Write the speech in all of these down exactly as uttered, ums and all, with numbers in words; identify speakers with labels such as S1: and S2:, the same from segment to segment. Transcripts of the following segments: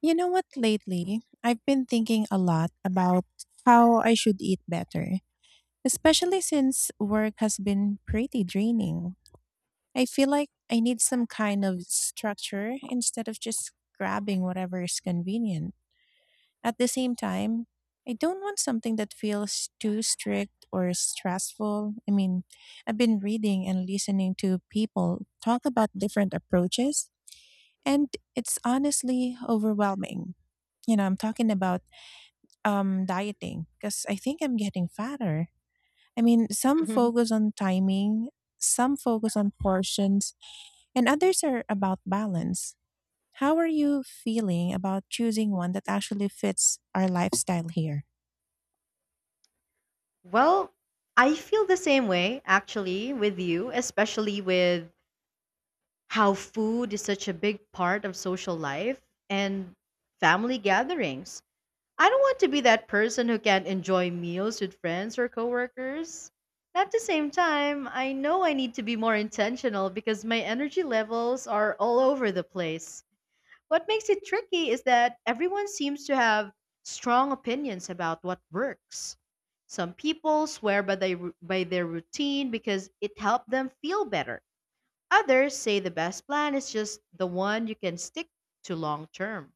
S1: You know what, lately, I've been thinking a lot about how I should eat better, especially since work has been pretty draining. I feel like I need some kind of structure instead of just grabbing whatever is convenient. At the same time, I don't want something that feels too strict or stressful. I mean, I've been reading and listening to people talk about different approaches, and it's honestly overwhelming. You know, I'm talking about um dieting because I think I'm getting fatter. I mean, some
S2: Mhm.
S1: focus on timing, some focus on portions, and others are about balance. How are you feeling about choosing one that actually fits our lifestyle here?
S2: Well, I feel the same way actually with you, especially with how food is such a big part of social life and family gatherings. I don't want to be that person who can't enjoy meals with friends or coworkers. At the same time, I know I need to be more intentional because my energy levels are all over the place. What makes it tricky is that everyone seems to have strong opinions about what works. Some people swear by they, by their routine because it helped them feel better. Others say the best plan is just the one you can stick to long term.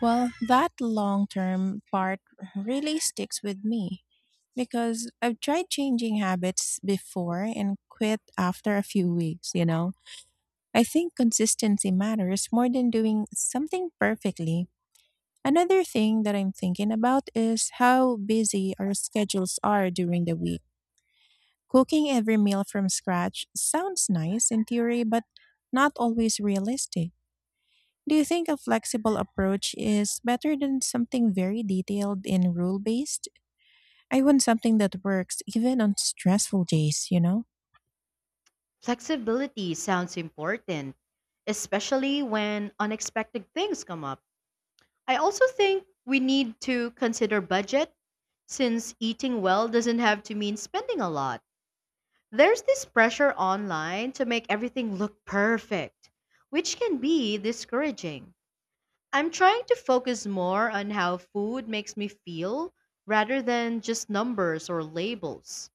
S1: Well, that long term part really sticks with me because I've tried changing habits before and quit after a few weeks, you know. I think consistency matters more than doing something perfectly. Another thing that I'm thinking about is how busy our schedules are during the week. Cooking every meal from scratch sounds nice in theory, but not always realistic. Do you think a flexible approach is better than something very detailed and rule based? I want something that works even on stressful days, you know?
S2: Flexibility sounds important, especially when unexpected things come up. I also think we need to consider budget, since eating well doesn't have to mean spending a lot. There's this pressure online to make everything look perfect, which can be discouraging. I'm trying to focus more on how food makes me feel rather than just numbers or labels.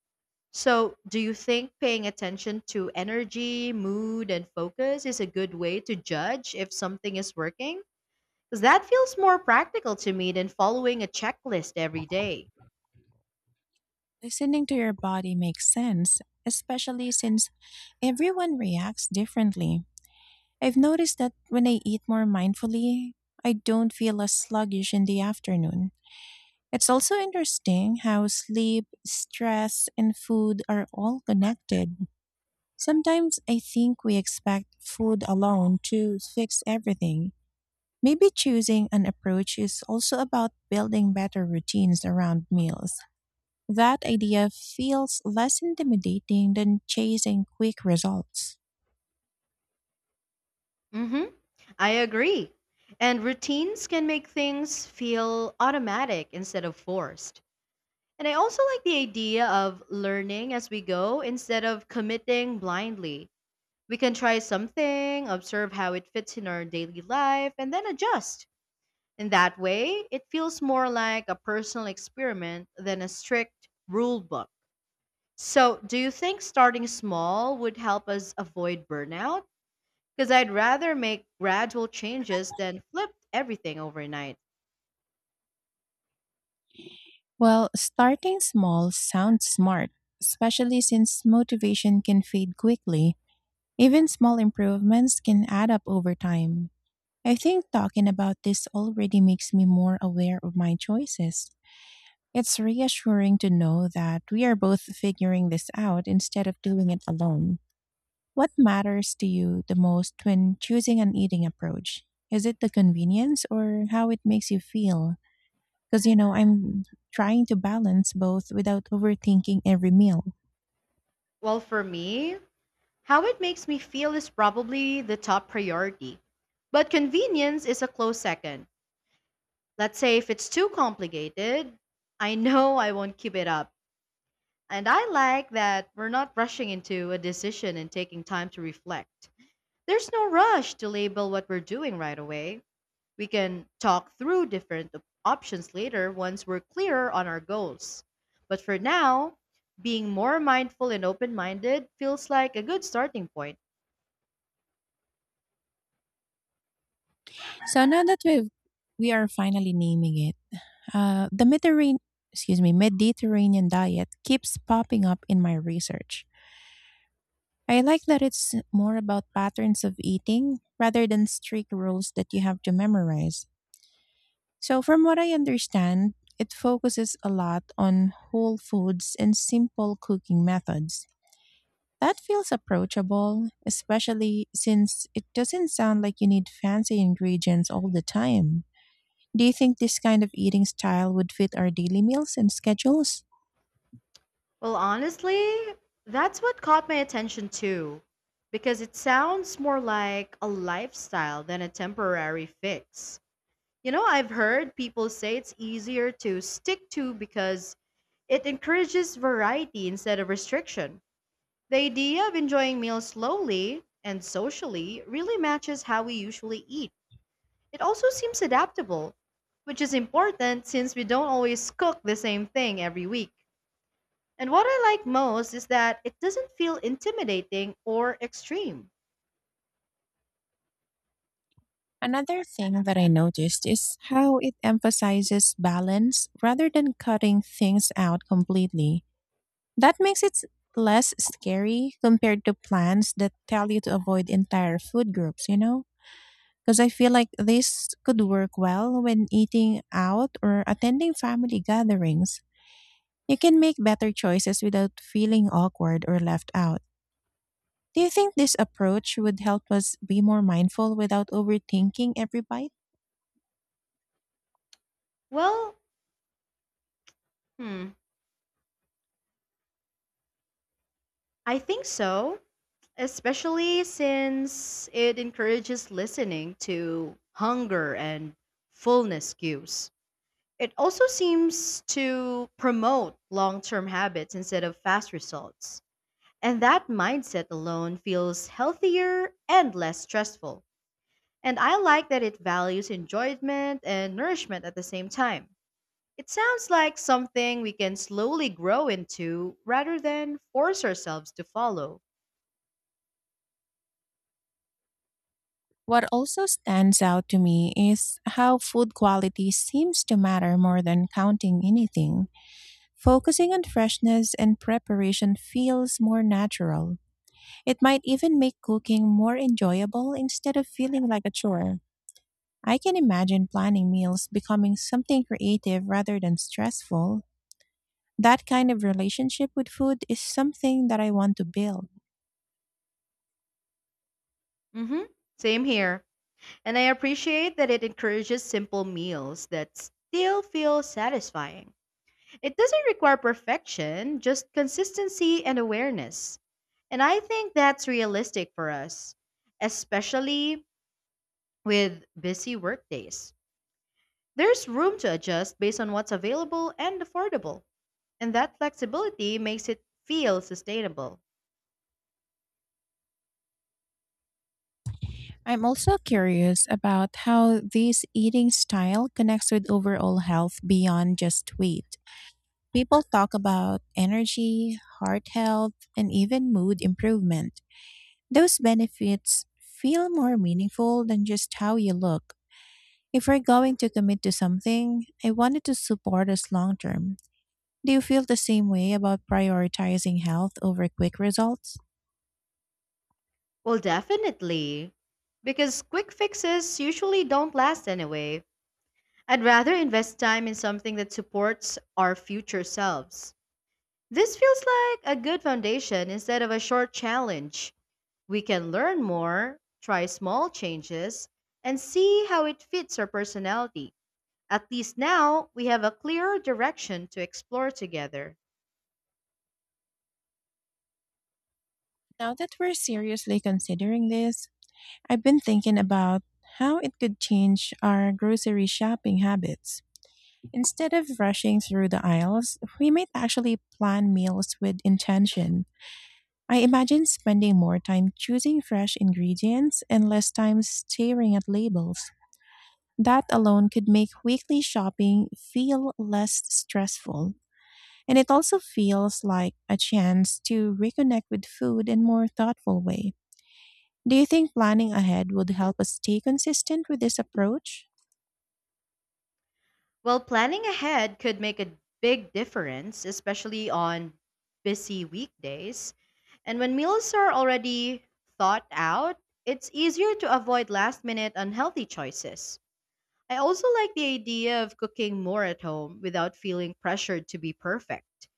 S2: So, do you think paying attention to energy, mood, and focus is a good way to judge if something is working? Because that feels more practical to me than following a checklist every day.
S1: Listening to your body makes sense, especially since everyone reacts differently. I've noticed that when I eat more mindfully, I don't feel as sluggish in the afternoon. It's also interesting how sleep, stress, and food are all connected. Sometimes I think we expect food alone to fix everything. Maybe choosing an approach is also about building better routines around meals. That idea feels less intimidating than chasing quick results.
S2: Mm-hmm. I agree. And routines can make things feel automatic instead of forced. And I also like the idea of learning as we go instead of committing blindly. We can try something, observe how it fits in our daily life, and then adjust. In that way, it feels more like a personal experiment than a strict rule book. So, do you think starting small would help us avoid burnout? Because I'd rather make gradual changes than flip everything overnight.
S1: Well, starting small sounds smart, especially since motivation can fade quickly. Even small improvements can add up over time. I think talking about this already makes me more aware of my choices. It's reassuring to know that we are both figuring this out instead of doing it alone. What matters to you the most when choosing an eating approach? Is it the convenience or how it makes you feel? Because you know I'm trying to balance both without overthinking every meal.
S2: Well, for me, how it makes me feel is probably the top priority. But convenience is a close second. Let's say if it's too complicated, I know I won't keep it up. And I like that we're not rushing into a decision and taking time to reflect. There's no rush to label what we're doing right away. We can talk through different op- options later once we're clearer on our goals. But for now, being more mindful and open minded feels like a good starting point.
S1: So now that we have we are finally naming it, uh, the Mediterranean, excuse me, Mediterranean diet keeps popping up in my research. I like that it's more about patterns of eating rather than strict rules that you have to memorize. So from what I understand, it focuses a lot on whole foods and simple cooking methods. That feels approachable, especially since it doesn't sound like you need fancy ingredients all the time. Do you think this kind of eating style would fit our daily meals and schedules?
S2: Well, honestly, that's what caught my attention too, because it sounds more like a lifestyle than a temporary fix. You know, I've heard people say it's easier to stick to because it encourages variety instead of restriction. The idea of enjoying meals slowly and socially really matches how we usually eat. It also seems adaptable, which is important since we don't always cook the same thing every week. And what I like most is that it doesn't feel intimidating or extreme.
S1: Another thing that I noticed is how it emphasizes balance rather than cutting things out completely. That makes it less scary compared to plans that tell you to avoid entire food groups, you know? Because I feel like this could work well when eating out or attending family gatherings. You can make better choices without feeling awkward or left out. Do you think this approach would help us be more mindful without overthinking every bite?
S2: Well, hmm, I think so, especially since it encourages listening to hunger and fullness cues. It also seems to promote long term habits instead of fast results. And that mindset alone feels healthier and less stressful. And I like that it values enjoyment and nourishment at the same time. It sounds like something we can slowly grow into rather than force ourselves to follow.
S1: What also stands out to me is how food quality seems to matter more than counting anything. Focusing on freshness and preparation feels more natural. It might even make cooking more enjoyable instead of feeling like a chore. I can imagine planning meals becoming something creative rather than stressful. That kind of relationship with food is something that I want to build.
S2: hmm Same here. And I appreciate that it encourages simple meals that still feel satisfying. It doesn't require perfection, just consistency and awareness. And I think that's realistic for us, especially with busy workdays. There's room to adjust based on what's available and affordable, and that flexibility makes it feel sustainable.
S1: I'm also curious about how this eating style connects with overall health beyond just weight. People talk about energy, heart health, and even mood improvement. Those benefits feel more meaningful than just how you look. If we're going to commit to something, I wanted to support us long term. Do you feel the same way about prioritizing health over quick results?
S2: Well, definitely, because quick fixes usually don't last anyway. I'd rather invest time in something that supports our future selves. This feels like a good foundation instead of a short challenge. We can learn more, try small changes, and see how it fits our personality. At least now, we have a clearer direction to explore together.
S1: Now that we're seriously considering this, I've been thinking about how it could change our grocery shopping habits. Instead of rushing through the aisles, we might actually plan meals with intention. I imagine spending more time choosing fresh ingredients and less time staring at labels. That alone could make weekly shopping feel less stressful. And it also feels like a chance to reconnect with food in more thoughtful way. Do you think planning ahead would help us stay consistent with this approach?
S2: Well, planning ahead could make a big difference, especially on busy weekdays. And when meals are already thought out, it's easier to avoid last minute unhealthy choices. I also like the idea of cooking more at home without feeling pressured to be perfect.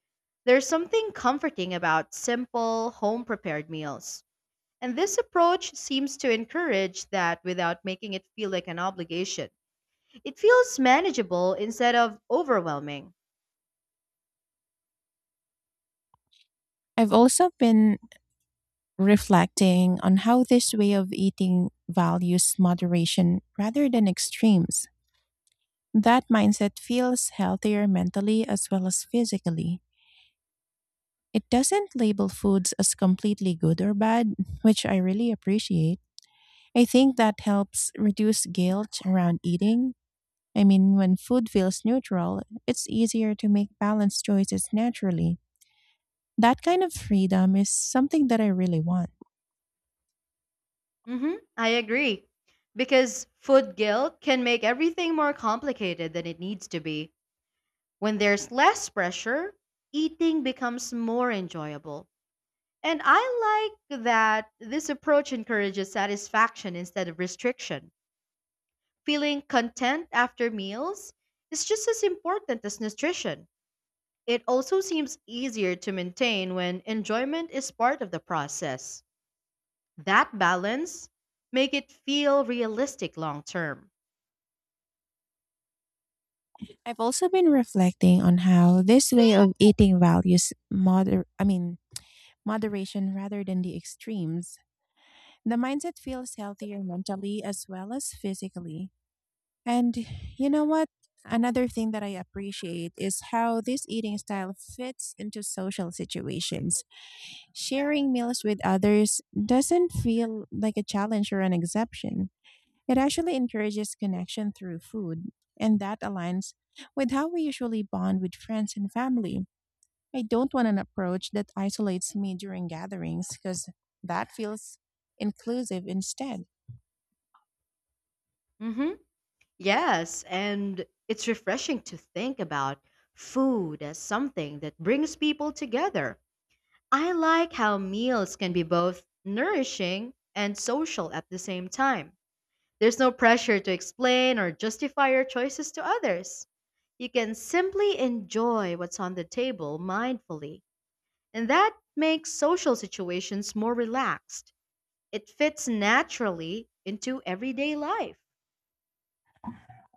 S2: There's something comforting about simple, home prepared meals. And this approach seems to encourage that without making it feel like an obligation. It feels manageable instead of overwhelming.
S1: I've also been reflecting on how this way of eating values moderation rather than extremes. That mindset feels healthier mentally as well as physically. It doesn't label foods as completely good or bad, which I really appreciate. I think that helps reduce guilt around eating. I mean, when food feels neutral, it's easier to make balanced choices naturally. That kind of freedom is something that I really want.
S2: hmm I agree. Because food guilt can make everything more complicated than it needs to be. When there's less pressure, eating becomes more enjoyable. And I like that this approach encourages satisfaction instead of restriction. Feeling content after meals is just as important as nutrition. It also seems easier to maintain when enjoyment is part of the process. That balance make it feel realistic long term.
S1: I've also been reflecting on how this way of eating values moder I mean moderation rather than the extremes. The mindset feels healthier mentally as well as physically. And you know what? Another thing that I appreciate is how this eating style fits into social situations. Sharing meals with others doesn't feel like a challenge or an exception, it actually encourages connection through food, and that aligns with how we usually bond with friends and family. I don't want an approach that isolates me during gatherings because that feels inclusive instead.
S2: Mhm. Yes, and it's refreshing to think about food as something that brings people together. I like how meals can be both nourishing and social at the same time. There's no pressure to explain or justify your choices to others. You can simply enjoy what's on the table mindfully, and that makes social situations more relaxed. It fits naturally into everyday life.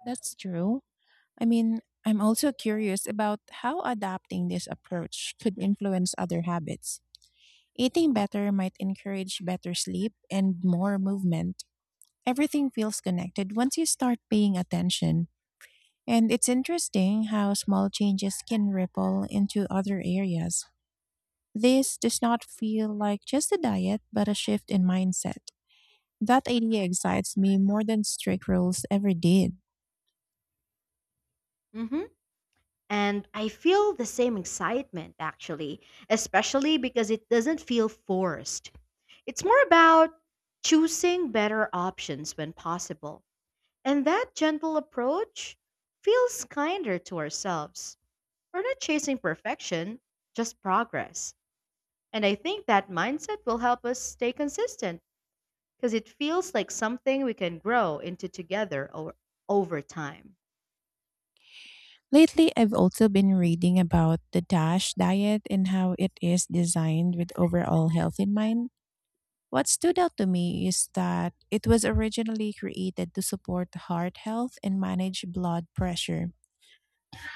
S1: That's true. I mean, I'm also curious about how adapting this approach could influence other habits. Eating better might encourage better sleep and more movement. Everything feels connected once you start paying attention. And it's interesting how small changes can ripple into other areas. This does not feel like just a diet, but a shift in mindset. That idea excites me more than strict rules ever did.
S2: Mhm. And I feel the same excitement actually, especially because it doesn't feel forced. It's more about choosing better options when possible. And that gentle approach feels kinder to ourselves. We're not chasing perfection, just progress. And I think that mindset will help us stay consistent because it feels like something we can grow into together o- over time.
S1: Lately, I've also been reading about the DASH diet and how it is designed with overall health in mind. What stood out to me is that it was originally created to support heart health and manage blood pressure.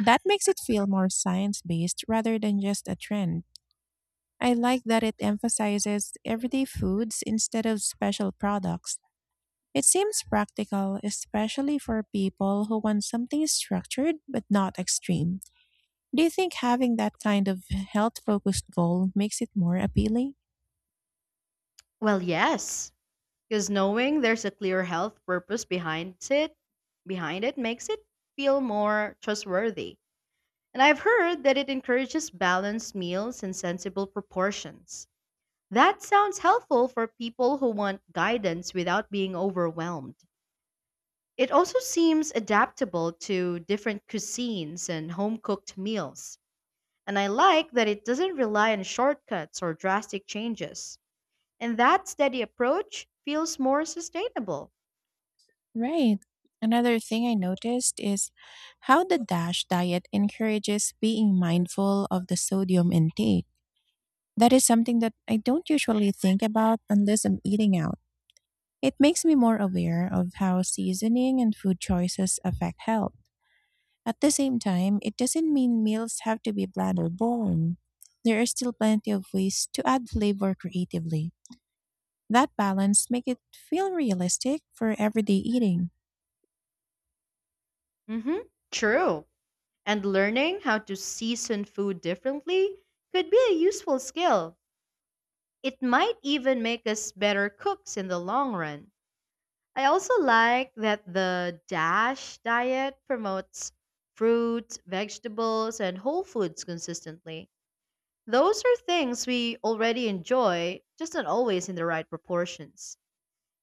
S1: That makes it feel more science based rather than just a trend. I like that it emphasizes everyday foods instead of special products. It seems practical, especially for people who want something structured but not extreme. Do you think having that kind of health focused goal makes it more appealing?
S2: Well, yes, because knowing there's a clear health purpose behind it, behind it makes it feel more trustworthy. And I've heard that it encourages balanced meals and sensible proportions. That sounds helpful for people who want guidance without being overwhelmed. It also seems adaptable to different cuisines and home cooked meals. And I like that it doesn't rely on shortcuts or drastic changes. And that steady approach feels more sustainable.
S1: Right. Another thing I noticed is how the DASH diet encourages being mindful of the sodium intake. That is something that I don't usually think about unless I'm eating out. It makes me more aware of how seasoning and food choices affect health. At the same time, it doesn't mean meals have to be bland or boring. There are still plenty of ways to add flavor creatively. That balance makes it feel realistic for everyday eating.
S2: hmm. True. And learning how to season food differently could be a useful skill. It might even make us better cooks in the long run. I also like that the DASH diet promotes fruits, vegetables, and whole foods consistently. Those are things we already enjoy, just not always in the right proportions.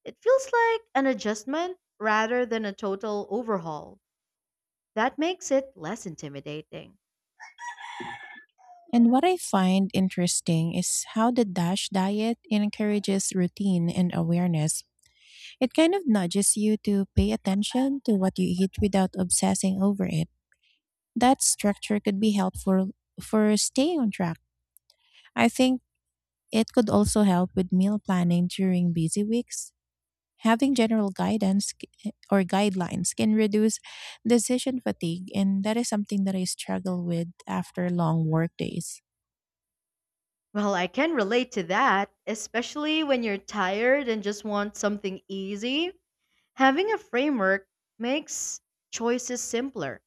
S2: It feels like an adjustment rather than a total overhaul. That makes it less intimidating.
S1: And what I find interesting is how the DASH diet encourages routine and awareness. It kind of nudges you to pay attention to what you eat without obsessing over it. That structure could be helpful for staying on track. I think it could also help with meal planning during busy weeks. Having general guidance c- or guidelines can reduce decision fatigue, and that is something that I struggle with after long work days.
S2: Well, I can relate to that, especially when you're tired and just want something easy. Having a framework makes choices simpler.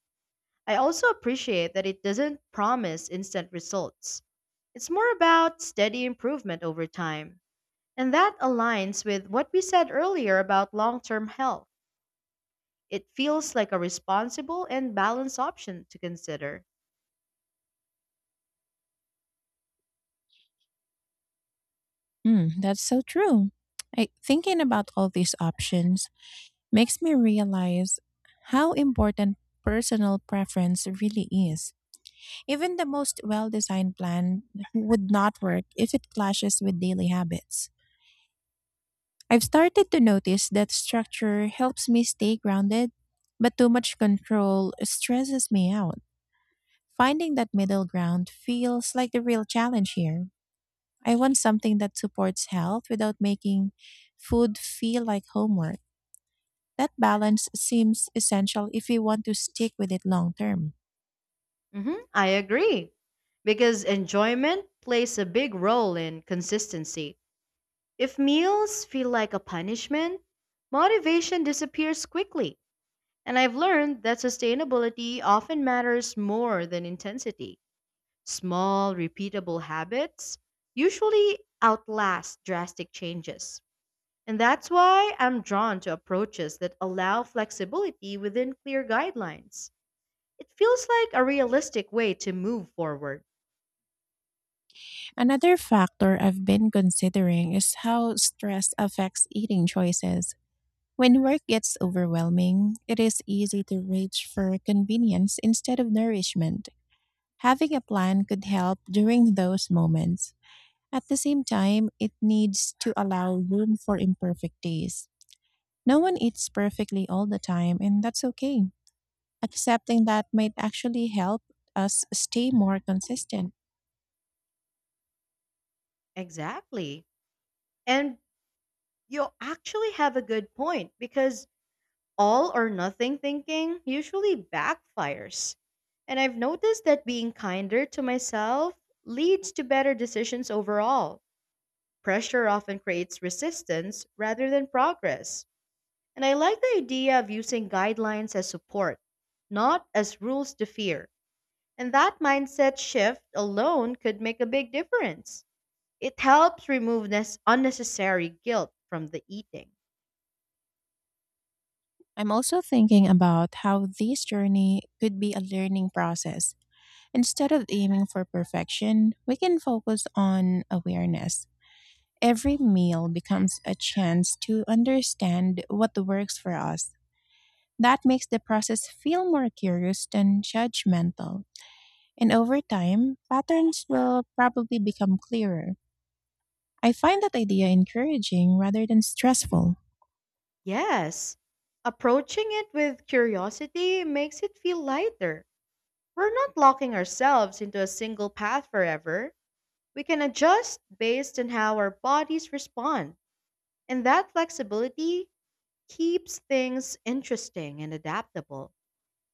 S2: I also appreciate that it doesn't promise instant results. It's more about steady improvement over time. And that aligns with what we said earlier about long term health. It feels like a responsible and balanced option to consider.
S1: Mm, that's so true. I, thinking about all these options makes me realize how important personal preference really is. Even the most well designed plan would not work if it clashes with daily habits. I've started to notice that structure helps me stay grounded, but too much control stresses me out. Finding that middle ground feels like the real challenge here. I want something that supports health without making food feel like homework. That balance seems essential if we want to stick with it long term.
S2: hmm I agree. Because enjoyment plays a big role in consistency. If meals feel like a punishment, motivation disappears quickly. And I've learned that sustainability often matters more than intensity. Small, repeatable habits usually outlast drastic changes. And that's why I'm drawn to approaches that allow flexibility within clear guidelines. It feels like a realistic way to move forward.
S1: Another factor I've been considering is how stress affects eating choices. When work gets overwhelming, it is easy to reach for convenience instead of nourishment. Having a plan could help during those moments. At the same time, it needs to allow room for imperfect days. No one eats perfectly all the time, and that's okay. Accepting that might actually help us stay more consistent.
S2: Exactly. And you actually have a good point, because all or nothing thinking usually backfires. And I've noticed that being kinder to myself leads to better decisions overall. Pressure often creates resistance rather than progress. And I like the idea of using guidelines as support, not as rules to fear. And that mindset shift alone could make a big difference. It helps remove this unnecessary guilt from the eating.
S1: I'm also thinking about how this journey could be a learning process. Instead of aiming for perfection, we can focus on awareness. Every meal becomes a chance to understand what works for us. That makes the process feel more curious than judgmental. And over time, patterns will probably become clearer. I find that idea encouraging rather than stressful.
S2: Yes, approaching it with curiosity makes it feel lighter. We're not locking ourselves into a single path forever. We can adjust based on how our bodies respond, and that flexibility keeps things interesting and adaptable.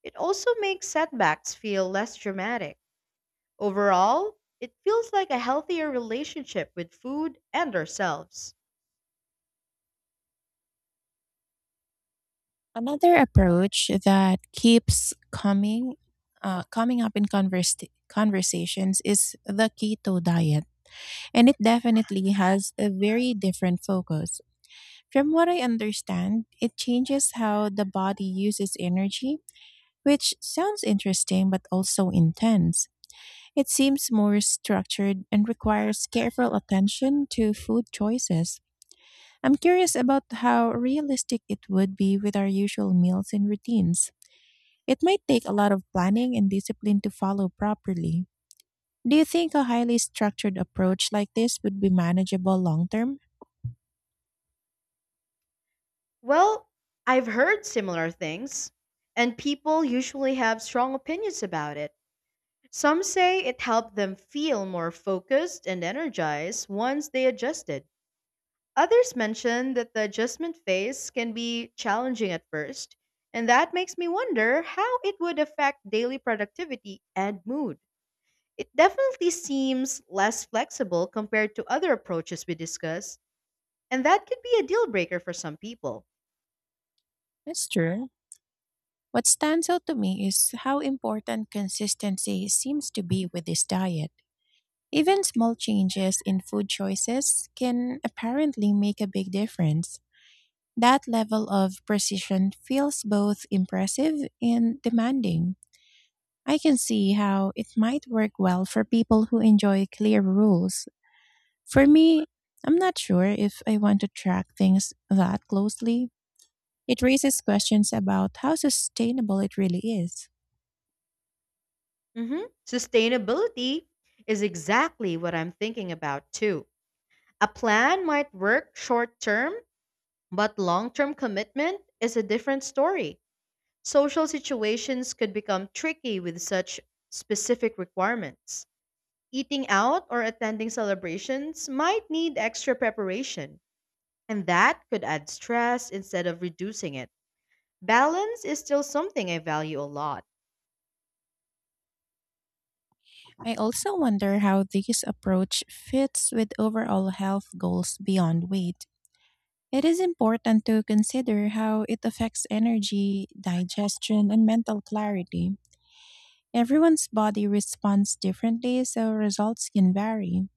S2: It also makes setbacks feel less dramatic. Overall, it feels like a healthier relationship with food and ourselves.
S1: Another approach that keeps coming uh, coming up in converse- conversations is the keto diet. And it definitely has a very different focus. From what I understand, it changes how the body uses energy, which sounds interesting but also intense. It seems more structured and requires careful attention to food choices. I'm curious about how realistic it would be with our usual meals and routines. It might take a lot of planning and discipline to follow properly. Do you think a highly structured approach like this would be manageable long term?
S2: Well, I've heard similar things, and people usually have strong opinions about it. Some say it helped them feel more focused and energized once they adjusted. Others mention that the adjustment phase can be challenging at first, and that makes me wonder how it would affect daily productivity and mood. It definitely seems less flexible compared to other approaches we discussed, and that could be a deal breaker for some people.
S1: That's true. What stands out to me is how important consistency seems to be with this diet. Even small changes in food choices can apparently make a big difference. That level of precision feels both impressive and demanding. I can see how it might work well for people who enjoy clear rules. For me, I'm not sure if I want to track things that closely. It raises questions about how sustainable it really is.
S2: Mhm. Sustainability is exactly what I'm thinking about too. A plan might work short term, but long term commitment is a different story. Social situations could become tricky with such specific requirements. Eating out or attending celebrations might need extra preparation, and that could add stress instead of reducing it. Balance is still something I value a lot.
S1: I also wonder how this approach fits with overall health goals beyond weight. It is important to consider how it affects energy, digestion, and mental clarity. Everyone's body responds differently, so results can vary.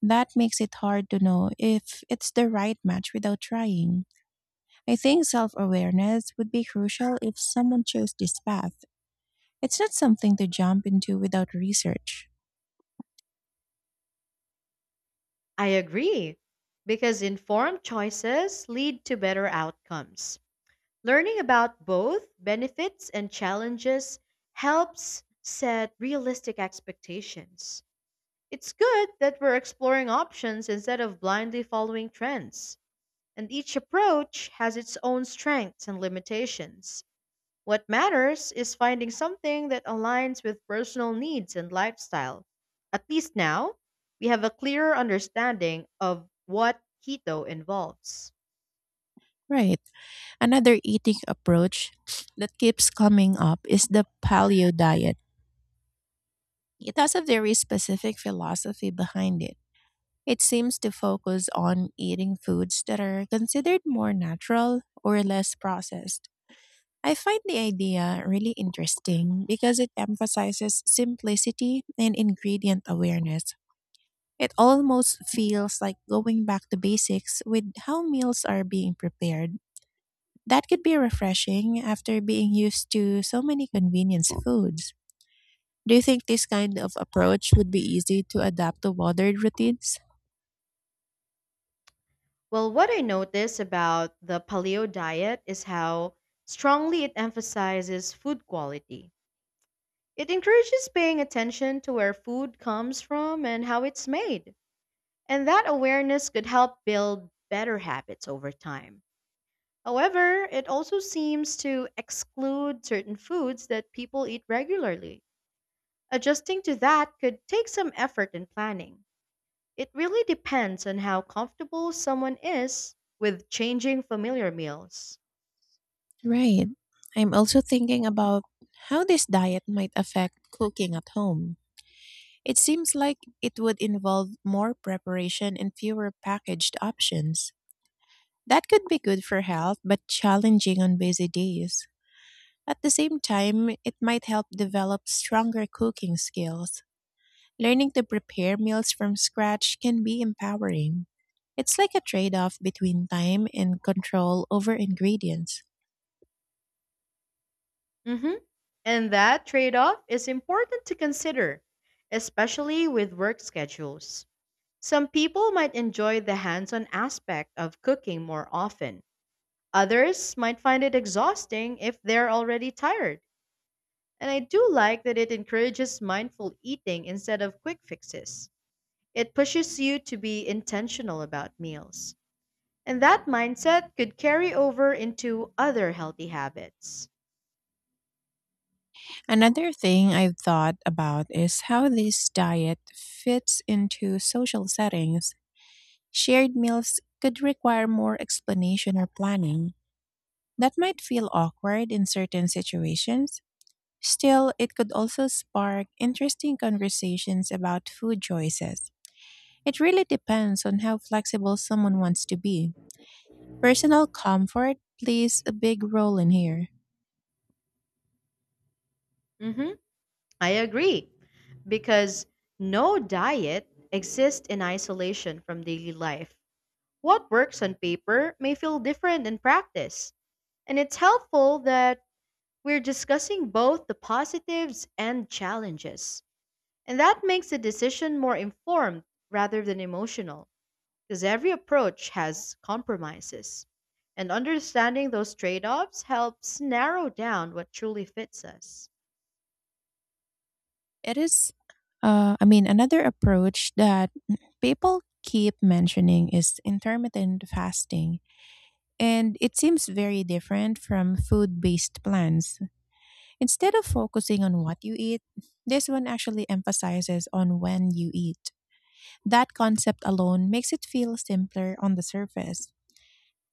S1: That makes it hard to know if it's the right match without trying. I think self awareness would be crucial if someone chose this path. It's not something to jump into without research.
S2: I agree, because informed choices lead to better outcomes. Learning about both benefits and challenges helps set realistic expectations. It's good that we're exploring options instead of blindly following trends, and each approach has its own strengths and limitations. What matters is finding something that aligns with personal needs and lifestyle. At least now, we have a clearer understanding of what keto involves.
S1: Right. Another eating approach that keeps coming up is the paleo diet. It has a very specific philosophy behind it. It seems to focus on eating foods that are considered more natural or less processed. I find the idea really interesting because it emphasizes simplicity and ingredient awareness. It almost feels like going back to basics with how meals are being prepared. That could be refreshing after being used to so many convenience foods. Do you think this kind of approach would be easy to adapt to modern routines?
S2: Well, what I notice about the paleo diet is how strongly it emphasizes food quality. It encourages paying attention to where food comes from and how it's made. And that awareness could help build better habits over time. However, it also seems to exclude certain foods that people eat regularly. Adjusting to that could take some effort and planning. It really depends on how comfortable someone is with changing familiar meals.
S1: Right. I'm also thinking about how this diet might affect cooking at home. It seems like it would involve more preparation and fewer packaged options. That could be good for health, but challenging on busy days. At the same time, it might help develop stronger cooking skills. Learning to prepare meals from scratch can be empowering. It's like a trade off between time and control over ingredients.
S2: Mhm. And that trade off is important to consider, especially with work schedules. Some people might enjoy the hands on aspect of cooking more often, others might find it exhausting if they're already tired. And I do like that it encourages mindful eating instead of quick fixes. It pushes you to be intentional about meals. And that mindset could carry over into other healthy habits.
S1: Another thing I've thought about is how this diet fits into social settings. Shared meals could require more explanation or planning. That might feel awkward in certain situations. Still, it could also spark interesting conversations about food choices. It really depends on how flexible someone wants to be. Personal comfort plays a big role in here.
S2: hmm I agree. Because no diet exists in isolation from daily life. What works on paper may feel different in practice. And it's helpful that we're discussing both the positives and challenges. And that makes the decision more informed rather than emotional, because every approach has compromises. And understanding those trade offs helps narrow down what truly fits us.
S1: It is, uh, I mean, another approach that people keep mentioning is intermittent fasting. And it seems very different from food based plans. Instead of focusing on what you eat, this one actually emphasizes on when you eat. That concept alone makes it feel simpler on the surface.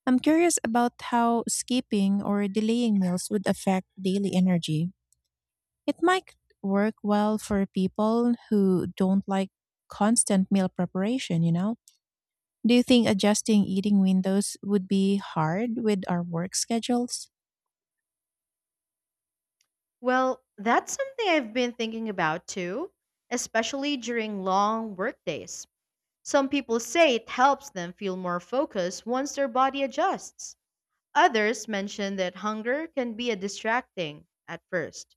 S1: I'm curious about how skipping or delaying meals would affect daily energy. It might work well for people who don't like constant meal preparation, you know? Do you think adjusting eating windows would be hard with our work schedules?
S2: Well, that's something I've been thinking about too, especially during long workdays. Some people say it helps them feel more focused once their body adjusts. Others mention that hunger can be a distracting at first.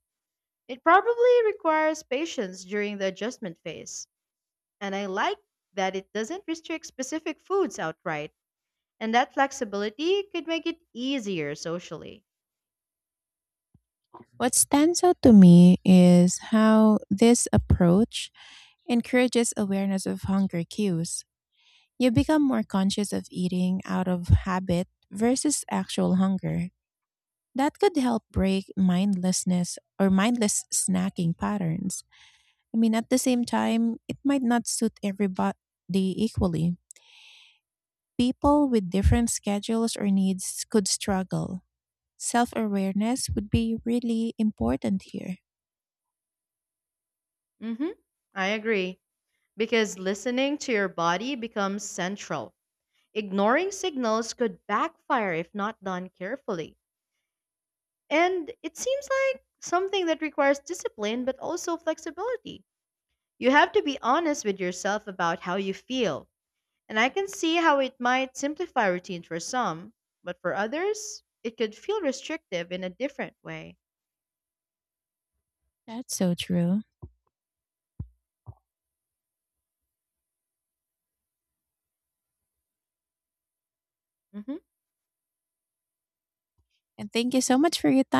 S2: It probably requires patience during the adjustment phase, and I like that it doesn't restrict specific foods outright, and that flexibility could make it easier socially.
S1: What stands out to me is how this approach encourages awareness of hunger cues. You become more conscious of eating out of habit versus actual hunger. That could help break mindlessness or mindless snacking patterns. I mean, at the same time, it might not suit everybody equally. People with different schedules or needs could struggle. Self awareness would be really important here.
S2: Mhm. I agree, because listening to your body becomes central. Ignoring signals could backfire if not done carefully. And it seems like something that requires discipline but also flexibility. You have to be honest with yourself about how you feel. And I can see how it might simplify routine for some, but for others, it could feel restrictive in a different way.
S1: That's so true.
S2: Mhm.
S1: And thank you so much for your time.